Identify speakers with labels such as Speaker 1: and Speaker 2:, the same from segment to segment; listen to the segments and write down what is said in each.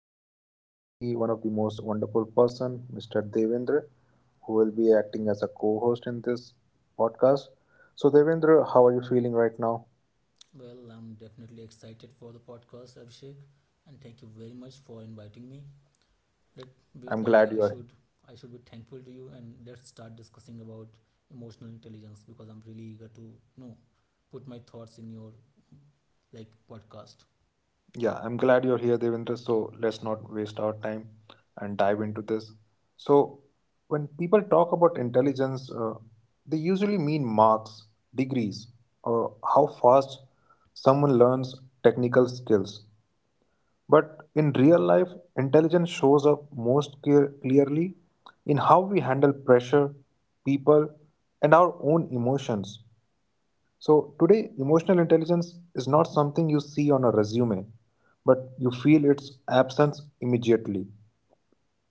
Speaker 1: today I have with me one of the most wonderful person, Mr. Devendra, who will be acting as a co-host in this podcast. So, Devendra, how are you feeling right now?
Speaker 2: Well, I'm definitely excited for the podcast, Abhishek, and thank you very much for inviting me. Let be
Speaker 1: I'm
Speaker 2: like
Speaker 1: glad you are.
Speaker 2: I should be thankful to you, and let's start discussing about emotional intelligence because I'm really eager to put my thoughts in your like podcast.
Speaker 1: Yeah, I'm glad you're here, Devendra. So let's not waste our time and dive into this.
Speaker 2: Yeah,
Speaker 1: So, when people talk about intelligence, they usually mean marks, degrees, or how fast someone learns technical skills. But in real life, intelligence shows up most clearly in how we handle pressure, people, and our own emotions. So, today, emotional intelligence is not something you see on a resume, but you feel its absence immediately.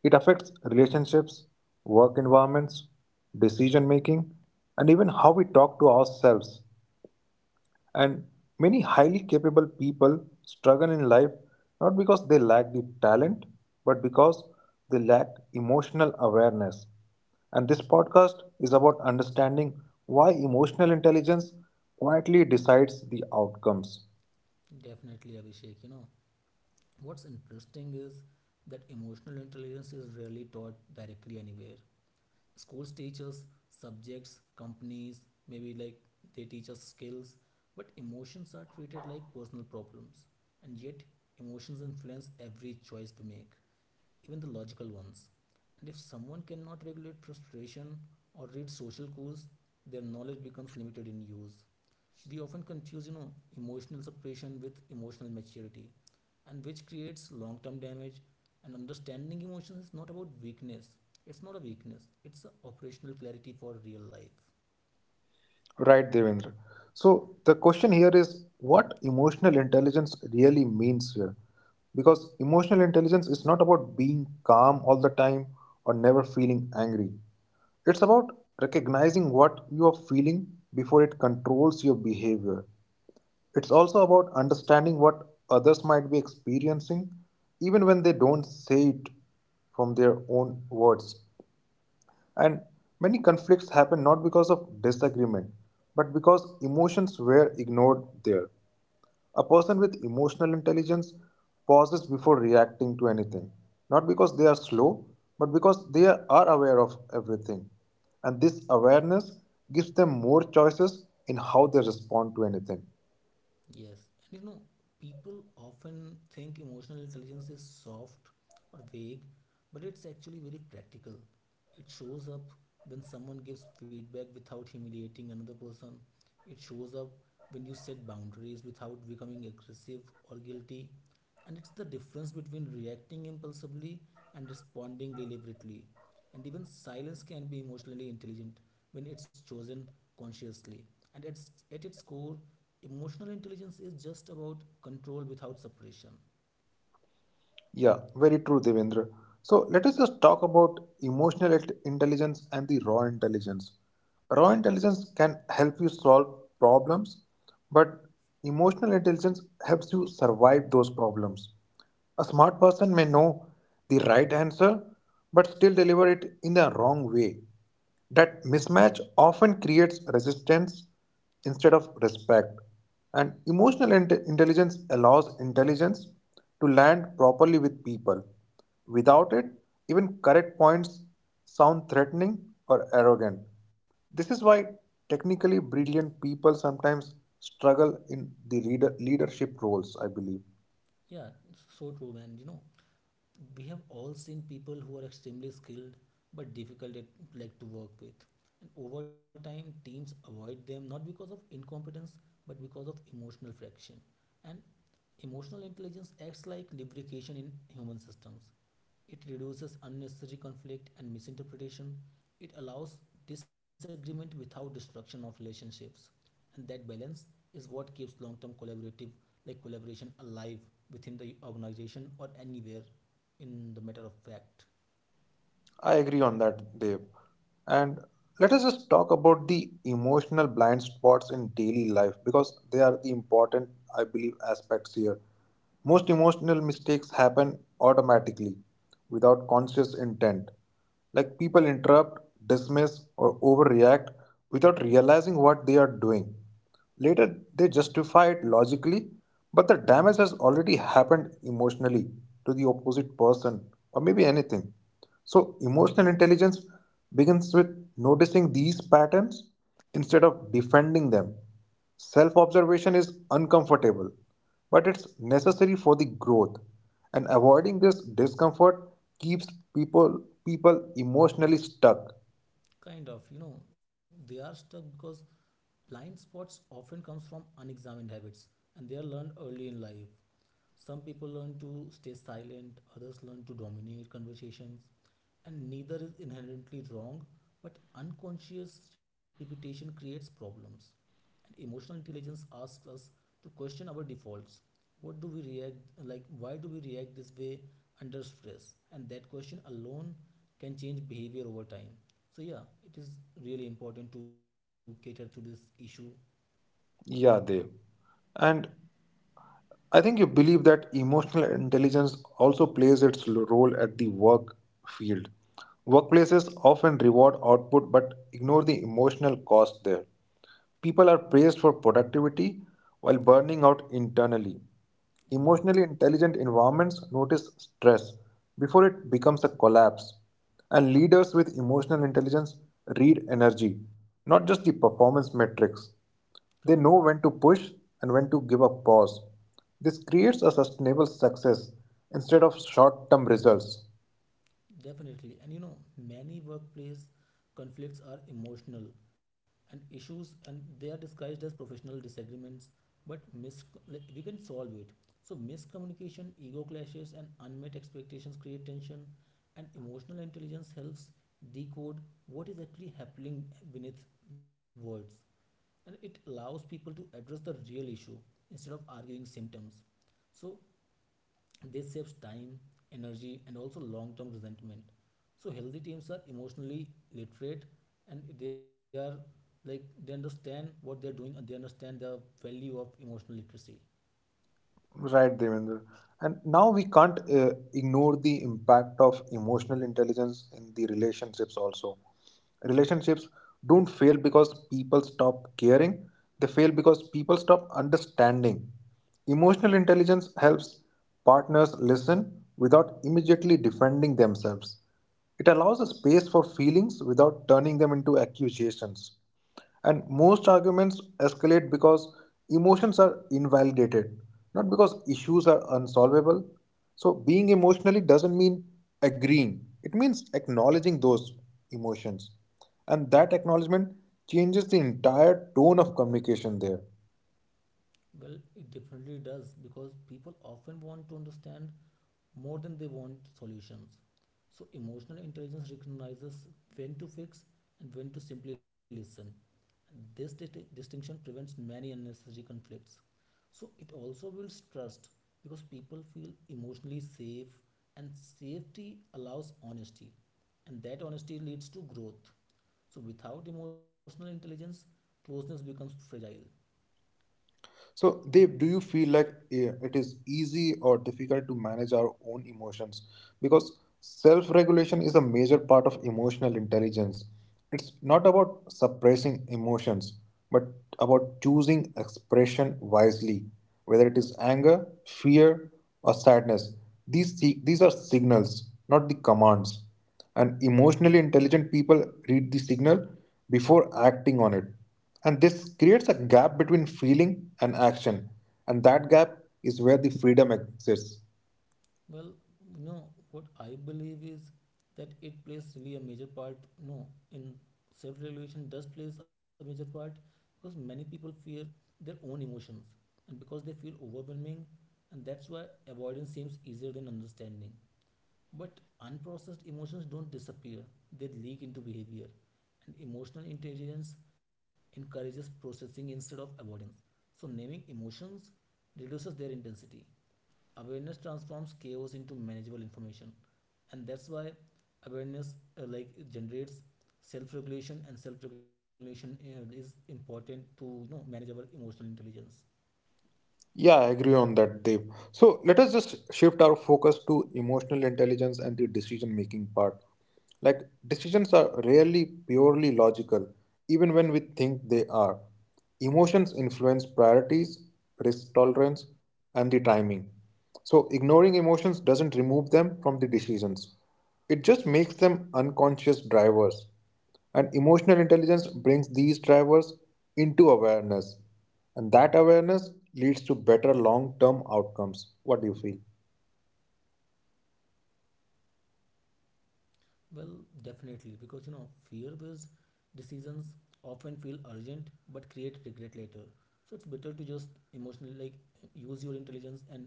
Speaker 1: It affects relationships, work environments, decision making, and even how we talk to ourselves. And many highly capable people struggle in life not because they lack the talent, but because they lack emotional awareness. And this podcast is about understanding why emotional intelligence quietly decides the outcomes.
Speaker 2: definitely, Abhishek. You know what's interesting is that emotional intelligence is rarely taught directly anywhere. Schools teach us subjects, companies, maybe like they teach us skills, but emotions are treated like personal problems. And yet, emotions influence every choice we make, even the logical ones. And if someone cannot regulate frustration or read social cues, their knowledge becomes limited in use. We often confuse emotional suppression with emotional maturity, and which creates long term damage. And understanding emotions is not about weakness. It's not a weakness, it's a operational clarity for real life.
Speaker 1: Right, Devendra. So, the question here is what emotional intelligence really means here? Because emotional intelligence is not about being calm all the time or never feeling angry. It's about recognizing what you are feeling before it controls your behavior. It's also about understanding what others might be experiencing, even when they don't say it from their own words. And many conflicts happen not because of disagreement, but because emotions were ignored there. A person with emotional intelligence pauses before reacting to anything, not because they are slow, but because they are aware of everything. And this awareness gives them more choices in how they respond to anything.
Speaker 2: Yes, and you know, people often think emotional intelligence is soft or vague, but it's actually very practical. It shows up when someone gives feedback without humiliating another person. It shows up when you set boundaries without becoming aggressive or guilty, and it's the difference between reacting impulsively and responding deliberately. And even silence can be emotionally intelligent when it's chosen consciously. And it's, at its core, emotional intelligence is just about control without suppression.
Speaker 1: Yeah, very true, Devendra. So let us just talk about emotional intelligence and the raw intelligence. Raw intelligence can help you solve problems, but emotional intelligence helps you survive those problems. A smart person may know the right answer but still deliver it in the wrong way. That mismatch often creates resistance instead of respect. And emotional intelligence allows intelligence to land properly with people. Without it, even correct points sound threatening or arrogant. This is why technically brilliant people sometimes struggle in the leadership roles, I believe.
Speaker 2: Yeah, so true, man. You know, we have all seen people who are extremely skilled but difficult at, like to work with. And over time teams avoid them, not because of incompetence but because of emotional friction. And emotional intelligence acts like lubrication in human systems. It reduces unnecessary conflict and misinterpretation. It allows disagreement without destruction of relationships. And that balance is what keeps long-term collaborative like collaboration alive within the organization or anywhere, in the matter of fact.
Speaker 1: I agree on that, Dev. And let us just talk about the emotional blind spots in daily life because they are the important, I believe, aspects here. Most emotional mistakes happen automatically without conscious intent. Like people interrupt, dismiss, or overreact without realizing what they are doing. Later, they justify it logically, but the damage has already happened emotionally to the opposite person or maybe anything. So, emotional intelligence begins with noticing these patterns instead of defending them. Self observation is uncomfortable, but it's necessary for the growth, and
Speaker 2: Yes.
Speaker 1: avoiding this discomfort keeps people emotionally stuck.
Speaker 2: Kind of, you know, they are stuck because blind spots often comes from unexamined habits, and they are learned early in life. Some people learn to stay silent, others learn to dominate conversations, and neither is inherently wrong, but unconscious repetition creates problems. And emotional intelligence asks us to question our defaults. What do we react like? Why do we react this way under stress? And that question alone can change behavior over time. So yeah, it is really important to cater to this issue.
Speaker 1: Yeah, Dev. And I think you believe that emotional intelligence also plays its role at the work field. Workplaces often reward output but ignore the emotional cost there. People are praised for productivity while
Speaker 2: Yeah,
Speaker 1: burning out internally.
Speaker 2: and it
Speaker 1: Emotionally intelligent environments notice stress before it becomes a collapse. And leaders with emotional intelligence read energy, not just the performance metrics.
Speaker 2: kind
Speaker 1: They
Speaker 2: of.
Speaker 1: know when to push and when to give a pause. This creates a sustainable success instead of short term results.
Speaker 2: Definitely. And you know, many workplace conflicts are emotional and issues, and they are disguised as professional disagreements, but we can solve it. So, miscommunication, ego clashes, and unmet expectations create tension, and emotional intelligence helps decode what is actually happening beneath words. And it allows people to address the real issue instead of arguing symptoms. So, this saves time, energy, and also long term resentment. So, healthy teams are emotionally literate, and they are like they understand what they are doing and they understand the value of emotional literacy.
Speaker 1: Right, Devendra. And now we can't ignore the impact of emotional intelligence in the relationships also. Relationships don't fail because people stop caring, they fail because people stop understanding. Emotional intelligence helps partners listen without immediately defending themselves. It allows a space for feelings without turning them into accusations. And most arguments escalate because emotions are invalidated, not because issues are unsolvable. So, being emotionally doesn't mean agreeing, it means acknowledging those emotions. And that acknowledgement changes the entire tone of communication there.
Speaker 2: Well, it definitely does because people often want to understand more than they want solutions. So, emotional intelligence recognizes when to fix and when to simply listen. This distinction prevents many unnecessary conflicts. So it also builds trust because people feel emotionally safe, and safety allows honesty, and that honesty leads to growth. So without emotional intelligence, closeness becomes fragile.
Speaker 1: So, Dev, do you feel like it is easy or difficult to manage our own emotions? Because self regulation is a major part of emotional intelligence. It's not about suppressing emotions, but about choosing expression wisely, whether it is anger, fear, or sadness. These are signals, not the commands. And emotionally intelligent people read the signal before acting on it. And this creates a gap between feeling and action. And that gap is where the freedom exists.
Speaker 2: Well, you know what I believe is that it plays really a major part, you know, in self-regulation. Does plays a major part because many people fear their own emotions and because they feel overwhelming, and that's why avoidance seems easier than understanding. But unprocessed emotions don't disappear, they leak into behavior. And emotional intelligence encourages processing instead of avoidance. So, naming emotions reduces their intensity. Awareness transforms chaos into manageable information. And that's why awareness it generates self regulation, and self regulation is important to manage our emotional intelligence.
Speaker 1: Yeah, I agree on that, Dave. So let us just shift our focus to emotional intelligence and the decision making part. Like, decisions are rarely purely logical, even when we think they are. Emotions influence priorities, risk tolerance, and the timing. So, ignoring emotions doesn't remove them from the decisions, it just makes them unconscious drivers. And emotional intelligence brings these drivers into awareness. And that awareness leads to better long term outcomes. What do you feel?
Speaker 2: Well, definitely, because you know, fear based decisions often feel urgent but create regret later. So it's better to just emotionally like use your intelligence, and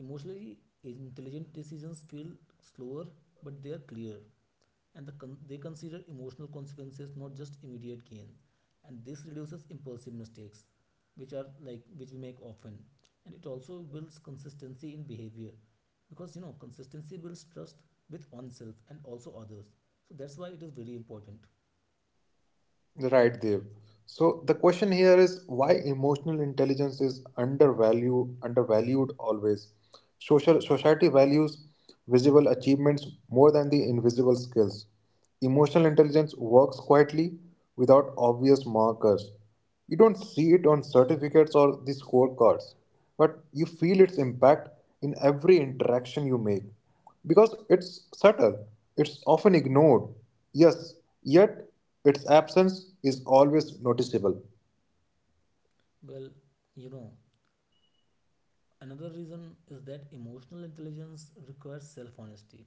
Speaker 2: emotionally intelligent decisions feel slower but they are clear, and they consider emotional consequences, not just immediate gain. And this reduces impulsive mistakes, which are like which we make often. And it also builds consistency in behavior because you know consistency builds trust with oneself and also others. So that's why it is very important.
Speaker 1: Right, Dev. So the question here is why emotional intelligence is undervalued always. Social society values visible achievements more than the invisible skills. Emotional intelligence works quietly without obvious markers. You don't see it on certificates or the scorecards, but you feel its impact in every interaction you make because it's subtle, it's often ignored. Yes, yet its absence is always noticeable.
Speaker 2: Well, you know, another reason is that emotional intelligence requires self honesty,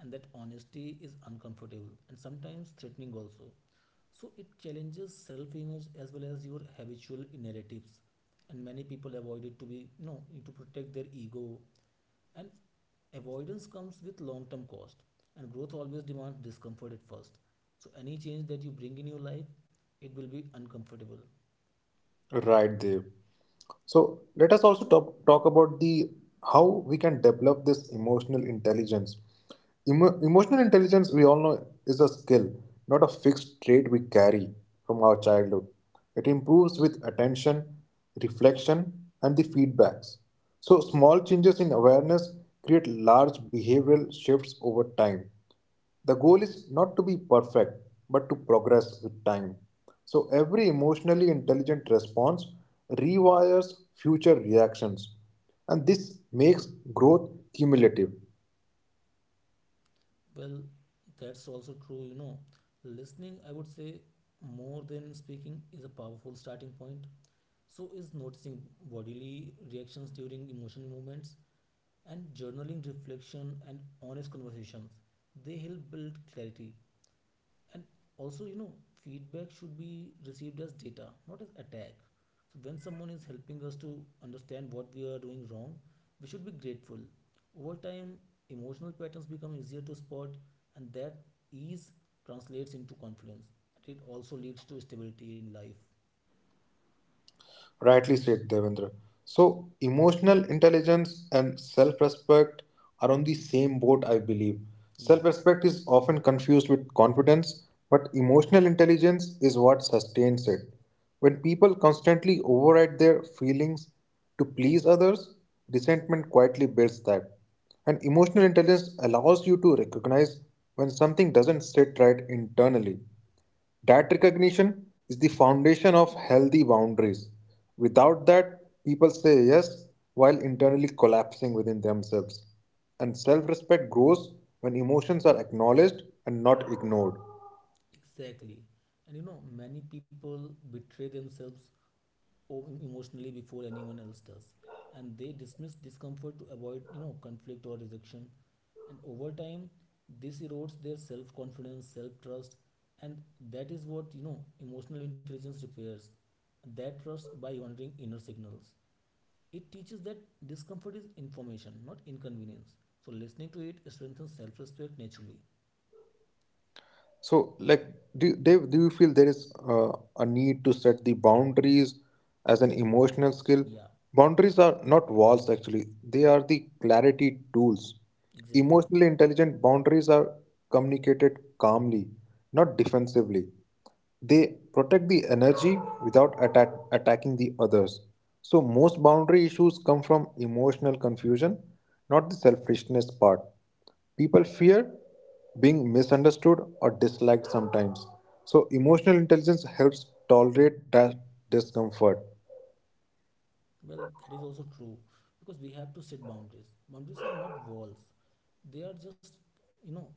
Speaker 2: and that honesty is uncomfortable and sometimes threatening also. So it challenges self image as well as your habitual narratives, and many people avoid it to be, you know, to protect their ego. And avoidance comes with long term cost, and growth always demands discomfort at first. So, any change that you bring in your life, it will be uncomfortable.
Speaker 1: Right, Dev. So let us also talk about the how we can develop this emotional intelligence. Emotional intelligence, we all know, is a skill, not a fixed trait we carry from our childhood. It improves with attention, reflection, and the feedbacks. So, small changes in awareness create large behavioral shifts over time. The goal is not to be perfect, but to progress with time. So, every emotionally intelligent response rewires future reactions, and this makes growth cumulative.
Speaker 2: Well, that's also true, you know. Listening, I would say, more than speaking is a powerful starting point. So, is noticing bodily reactions during emotional movements and journaling reflection and honest conversations. They help build clarity. And also, you know, feedback should be received as data, not as attack. So when someone is helping us to understand what we are doing wrong, we should be grateful. Over time, emotional patterns become easier to spot, and that ease translates into confidence, and it also leads to stability in life.
Speaker 1: Rightly said, Devendra. So, emotional intelligence and self respect are on the same boat, I believe.
Speaker 2: Yeah,
Speaker 1: Self respect is often confused with confidence, but emotional intelligence is what sustains it. When people constantly override their feelings to please others, resentment quietly builds that. And emotional intelligence allows you to recognize when something doesn't sit right internally. That recognition is the foundation of healthy boundaries. Without that, people say yes while internally collapsing within themselves. And self respect grows when emotions are acknowledged and not ignored.
Speaker 2: exactly. And you know, many people betray themselves emotionally before anyone else does, and they dismiss discomfort to avoid, you know, conflict or rejection. And over time, this erodes their self confidence, self trust, and that is what, you know, emotional intelligence repairs. That trust by honoring inner signals, it teaches that discomfort is information, not inconvenience. So listening to it strengthens self respect naturally.
Speaker 1: So, like, Dave, do you feel there is a need to set the boundaries as an emotional skill?
Speaker 2: Yeah,
Speaker 1: Boundaries are not walls, actually, they are the clarity tools.
Speaker 2: exactly.
Speaker 1: Emotionally intelligent boundaries are communicated calmly, not defensively. They protect the energy without attacking the others. So, most boundary issues come from emotional confusion, not the selfishness part. People fear being misunderstood or disliked sometimes. So, emotional intelligence helps tolerate that discomfort.
Speaker 2: Well, that is also true because we have to set boundaries. Boundaries are not walls, they are just,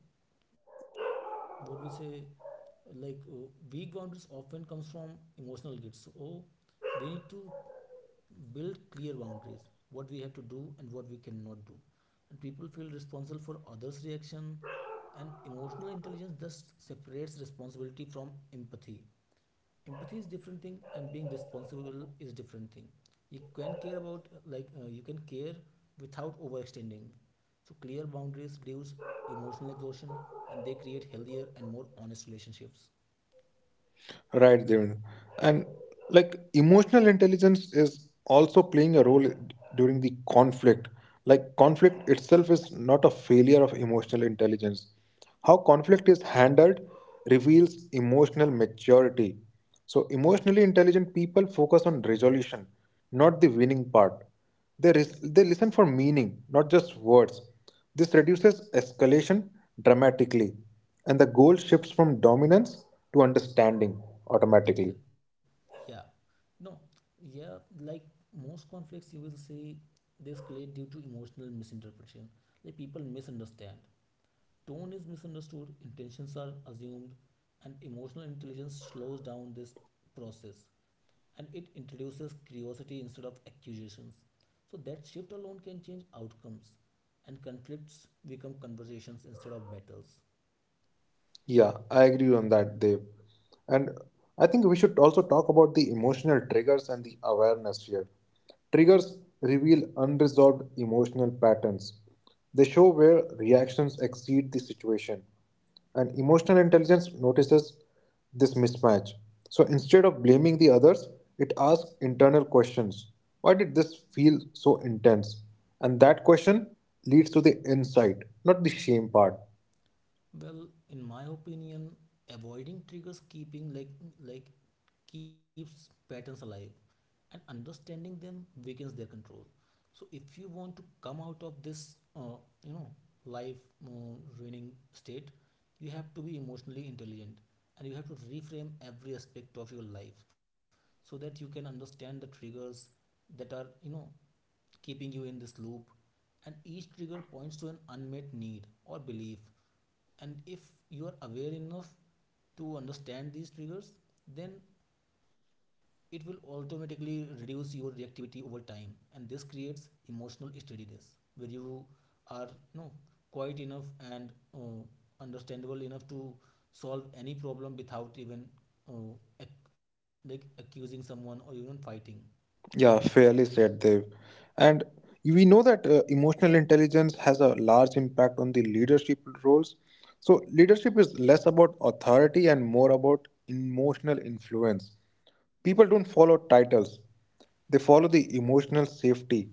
Speaker 2: you know, what we say. Like weak boundaries often comes from emotional gates. So we need to build clear boundaries. What we have to do and what we cannot do, and people feel responsible for others' reaction. And emotional intelligence just separates responsibility from empathy. Empathy is different thing and being responsible is different thing. You can care about like you can care without overextending. So clear boundaries reduce emotional exhaustion, and they create healthier and more honest relationships.
Speaker 1: Right, Devin. And like emotional intelligence is also playing a role during the conflict. Like conflict itself is not a failure of emotional intelligence. How conflict is handled reveals emotional maturity. So emotionally intelligent people focus on resolution, not the winning part. They listen for meaning, not just words. This reduces escalation dramatically, and the goal shifts from dominance to understanding
Speaker 2: So,
Speaker 1: automatically.
Speaker 2: yeah, no, yeah, like most conflicts you will see, they escalate due to emotional misinterpretation. Like people misunderstand, tone is misunderstood, intentions are assumed, and emotional intelligence slows down this process. And it introduces curiosity instead of accusations. So that shift alone can change outcomes, and conflicts become conversations instead of battles.
Speaker 1: Yeah, I agree on that, Dev. And I think we should also talk about the emotional triggers and the awareness here. Triggers reveal unresolved emotional patterns. They show where reactions exceed the situation. And emotional intelligence notices this mismatch. So instead of blaming the others, it asks internal questions. Why did this feel so intense? And that question leads to the insight, not the shame part.
Speaker 2: Well, in my opinion, avoiding triggers keeping like keeps patterns alive, and understanding them weakens their control. So if you want to come out of this you know life uh, ruining state, you have to be emotionally intelligent, and you have to reframe every aspect of your life so that you can understand the triggers that are, you know, keeping you in this loop. And each trigger points to an unmet need or belief. And if you are aware enough to understand these triggers, then it will automatically reduce your reactivity over time, and this creates emotional steadiness where you are, you know, quite enough and understandable enough to solve any problem without even uh, ac- accusing someone or even fighting.
Speaker 1: Yeah, fairly said, Dev. And we know that emotional intelligence has a large impact on the leadership roles. So, leadership is less about authority and more about emotional influence. People don't follow titles, they follow the emotional safety.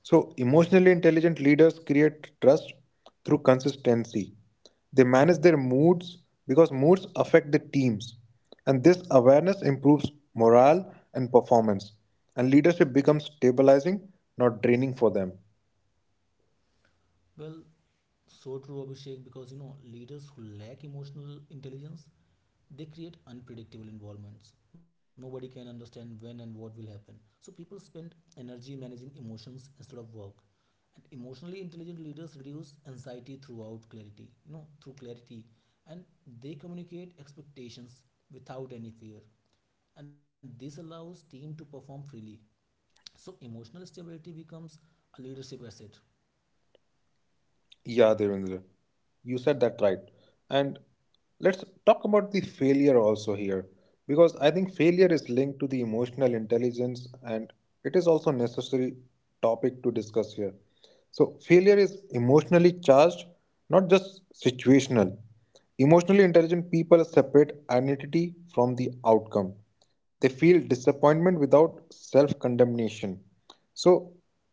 Speaker 1: So, emotionally intelligent leaders create trust through consistency. They manage their moods because moods affect the teams. And this awareness improves morale and performance. And leadership becomes stabilizing, not draining for them.
Speaker 2: Well, so true, Abhishek, because you know leaders who lack emotional intelligence, they create unpredictable involvements. Nobody can understand when and what will happen. So people spend energy managing emotions instead of work. And emotionally intelligent leaders reduce anxiety throughout clarity, you know, through clarity. And they communicate expectations without any fear. And this allows team to perform freely. So emotional stability becomes a leadership asset.
Speaker 1: Yeah, Devendra, you said that right. And let's talk about the failure also here, because I think failure is linked to the emotional intelligence and it is also necessary topic to discuss here. So failure is emotionally charged, not just situational. Emotionally intelligent people separate identity from the outcome. They feel disappointment without self condemnation. So,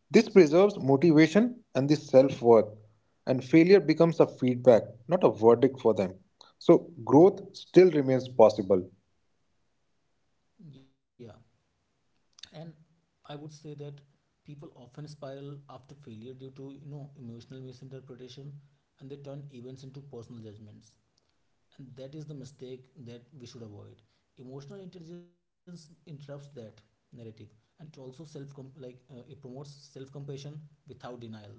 Speaker 1: this preserves motivation and the self worth, and failure becomes a feedback, not a verdict for them. So, growth still remains possible.
Speaker 2: Yeah. And I would say that people often spiral after failure due to, you know, emotional misinterpretation, and they turn events into personal judgments, and that is the mistake that we should avoid. Emotional intelligence interrupts that narrative, and it also self com- like it promotes self compassion without denial.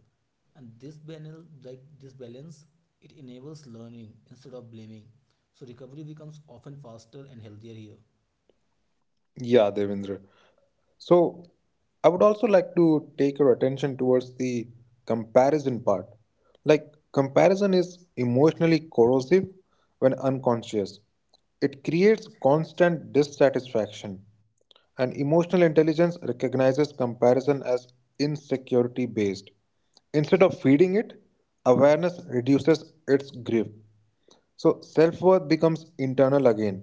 Speaker 2: And this banal like this balance, it enables learning instead of blaming. So recovery becomes often faster and healthier here.
Speaker 1: Yeah, Devendra. So, I would also like to take your attention towards the comparison part. Like, comparison is emotionally corrosive when unconscious, it creates constant dissatisfaction. And emotional intelligence recognizes comparison as insecurity based. Instead of feeding it, awareness reduces its grip. So self worth becomes internal again,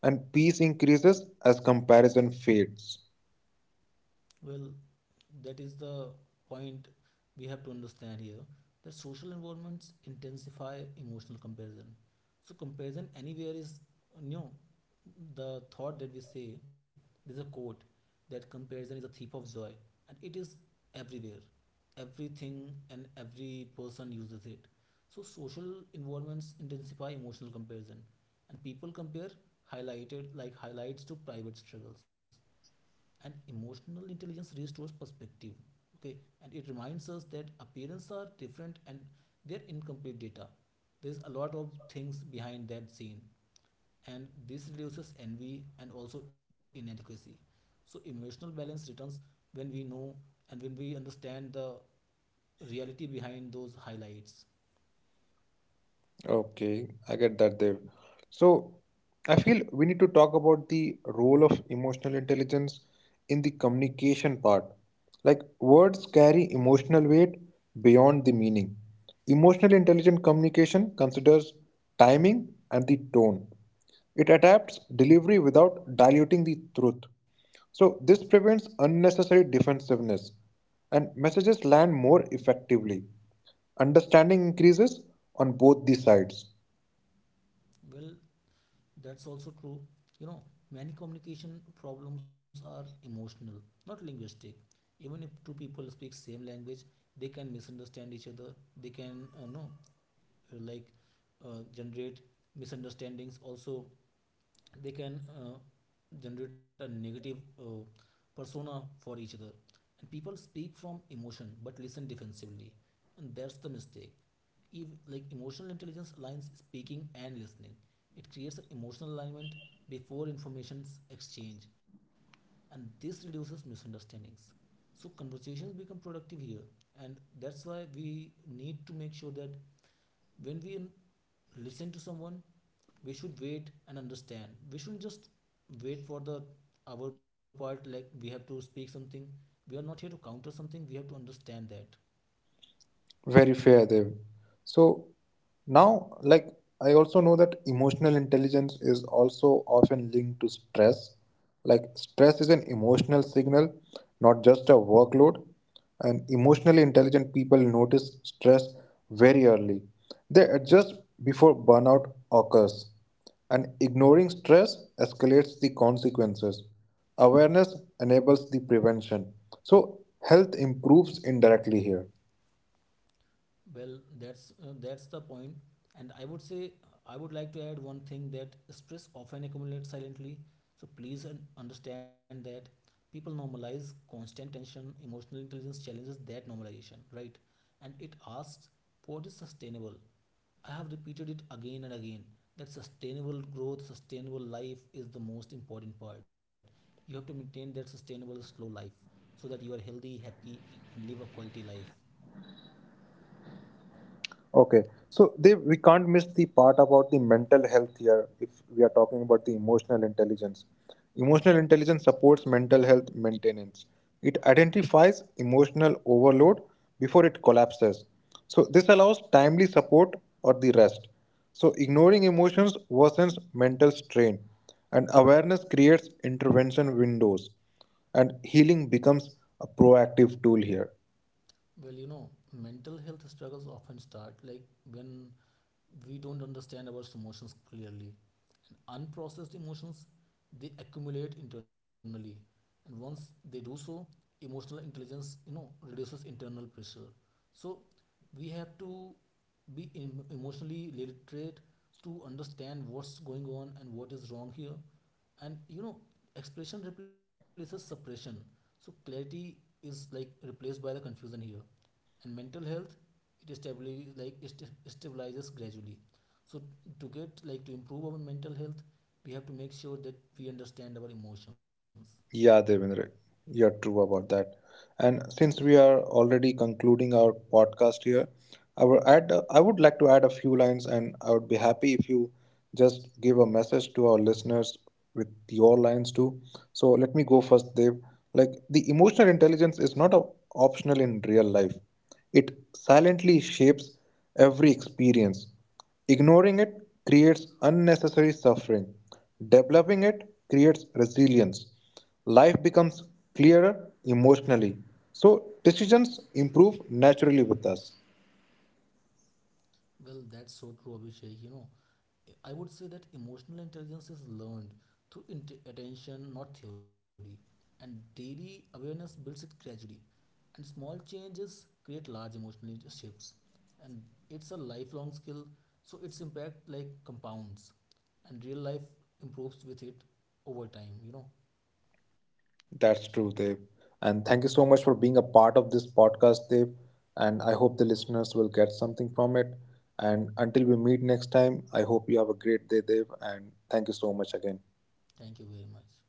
Speaker 1: and peace increases as comparison fades.
Speaker 2: Well, that is the point we have to understand here, that social environments intensify emotional comparison. So comparison anywhere is, you know, the thought that we say. There's a quote that comparison is a thief of joy, and it is everywhere, everything, and every person uses it. So social environments intensify emotional comparison, and people compare highlighted like highlights to private struggles, and emotional intelligence restores perspective. Okay. And it reminds us that appearances are different and they're incomplete data. There's a lot of things behind that scene. And this reduces envy and also inadequacy. So emotional balance returns when we know and when we understand the reality behind those highlights.
Speaker 1: Okay, I get that, Dev. So, I feel we need to talk about the role of emotional intelligence in the communication part. Like, words carry emotional weight beyond the meaning. Emotional intelligent communication considers timing and the tone. It adapts delivery without diluting the truth. So, this prevents unnecessary defensiveness and messages land more effectively. Understanding increases on both the sides.
Speaker 2: Well, that's also true. You know, many communication problems are emotional, not linguistic. Even if two people speak same language, they can misunderstand each other. They can, no, like generate misunderstandings. Also, they can generate a negative persona for each other. And people speak from emotion but listen defensively, and that's the mistake. If like emotional intelligence aligns speaking and listening, it creates emotional alignment before information's exchange, and this reduces misunderstandings. So conversations become productive here. And that's why we need to make sure that when we listen to someone, we should wait and understand. We shouldn't just wait for the our part, like we have to speak something. We are not here to counter something, we have to understand that.
Speaker 1: Very fair, Dev. So now, like, I also know that emotional intelligence is also often linked to stress. Like, stress is an emotional signal, not just a workload. And emotionally intelligent people notice stress very early. They adjust before burnout occurs. And ignoring stress escalates the consequences. Awareness enables the prevention. So, health improves indirectly here.
Speaker 2: Well, that's the point, and I would like to add one thing, that stress often accumulates silently. So please understand that people normalize constant tension. Emotional intelligence challenges that normalization, right? And it asks what is sustainable. I have repeated it again and again that sustainable growth, sustainable life is the most important part. You have to maintain that sustainable slow life so that you are healthy, happy, and live a quality life.
Speaker 1: Okay. So they we can't miss the part about the mental health here if we are talking about the emotional intelligence. Emotional intelligence supports mental health maintenance. It identifies emotional overload before it collapses. So this allows timely support or the rest. So ignoring emotions worsens mental strain and awareness creates intervention windows and healing becomes a proactive tool here.
Speaker 2: Well, you know, mental health struggles often start like when we don't understand our emotions clearly. And unprocessed emotions, they accumulate internally. And once they do so, emotional intelligence, you know, reduces internal pressure. So we have to be emotionally literate to understand what's going on and what is wrong here. And you know, expression replaces suppression. So clarity is like replaced by the confusion here, and mental health, it stabilizes gradually. So to get like to improve our mental health, we have to make sure that we understand our emotions.
Speaker 1: Yeah, Devendra, you're true about that. And since we are already concluding our podcast here, I would like to add a few lines, and I would be happy if you just give a message to our listeners with your lines too. So let me go first, Dev. Like the emotional intelligence is not a optional in real life. It silently shapes every experience. Ignoring it creates unnecessary suffering. Developing it creates resilience. Life becomes clearer emotionally. So decisions improve naturally with us.
Speaker 2: Well, that's so true, Abhishek. You know, I would say that emotional intelligence is learned through attention, not theory, and daily awareness builds it gradually. And small changes create large emotional shifts. And it's a lifelong skill, so its impact like compounds. And real life improves with it over time, you know.
Speaker 1: That's true, Dev. And thank you so much for being a part of this podcast, Dev. And I hope the listeners will get something from it. And until we meet next time, I hope you have a great day, Dev. And thank you so much again.
Speaker 2: Thank you very much.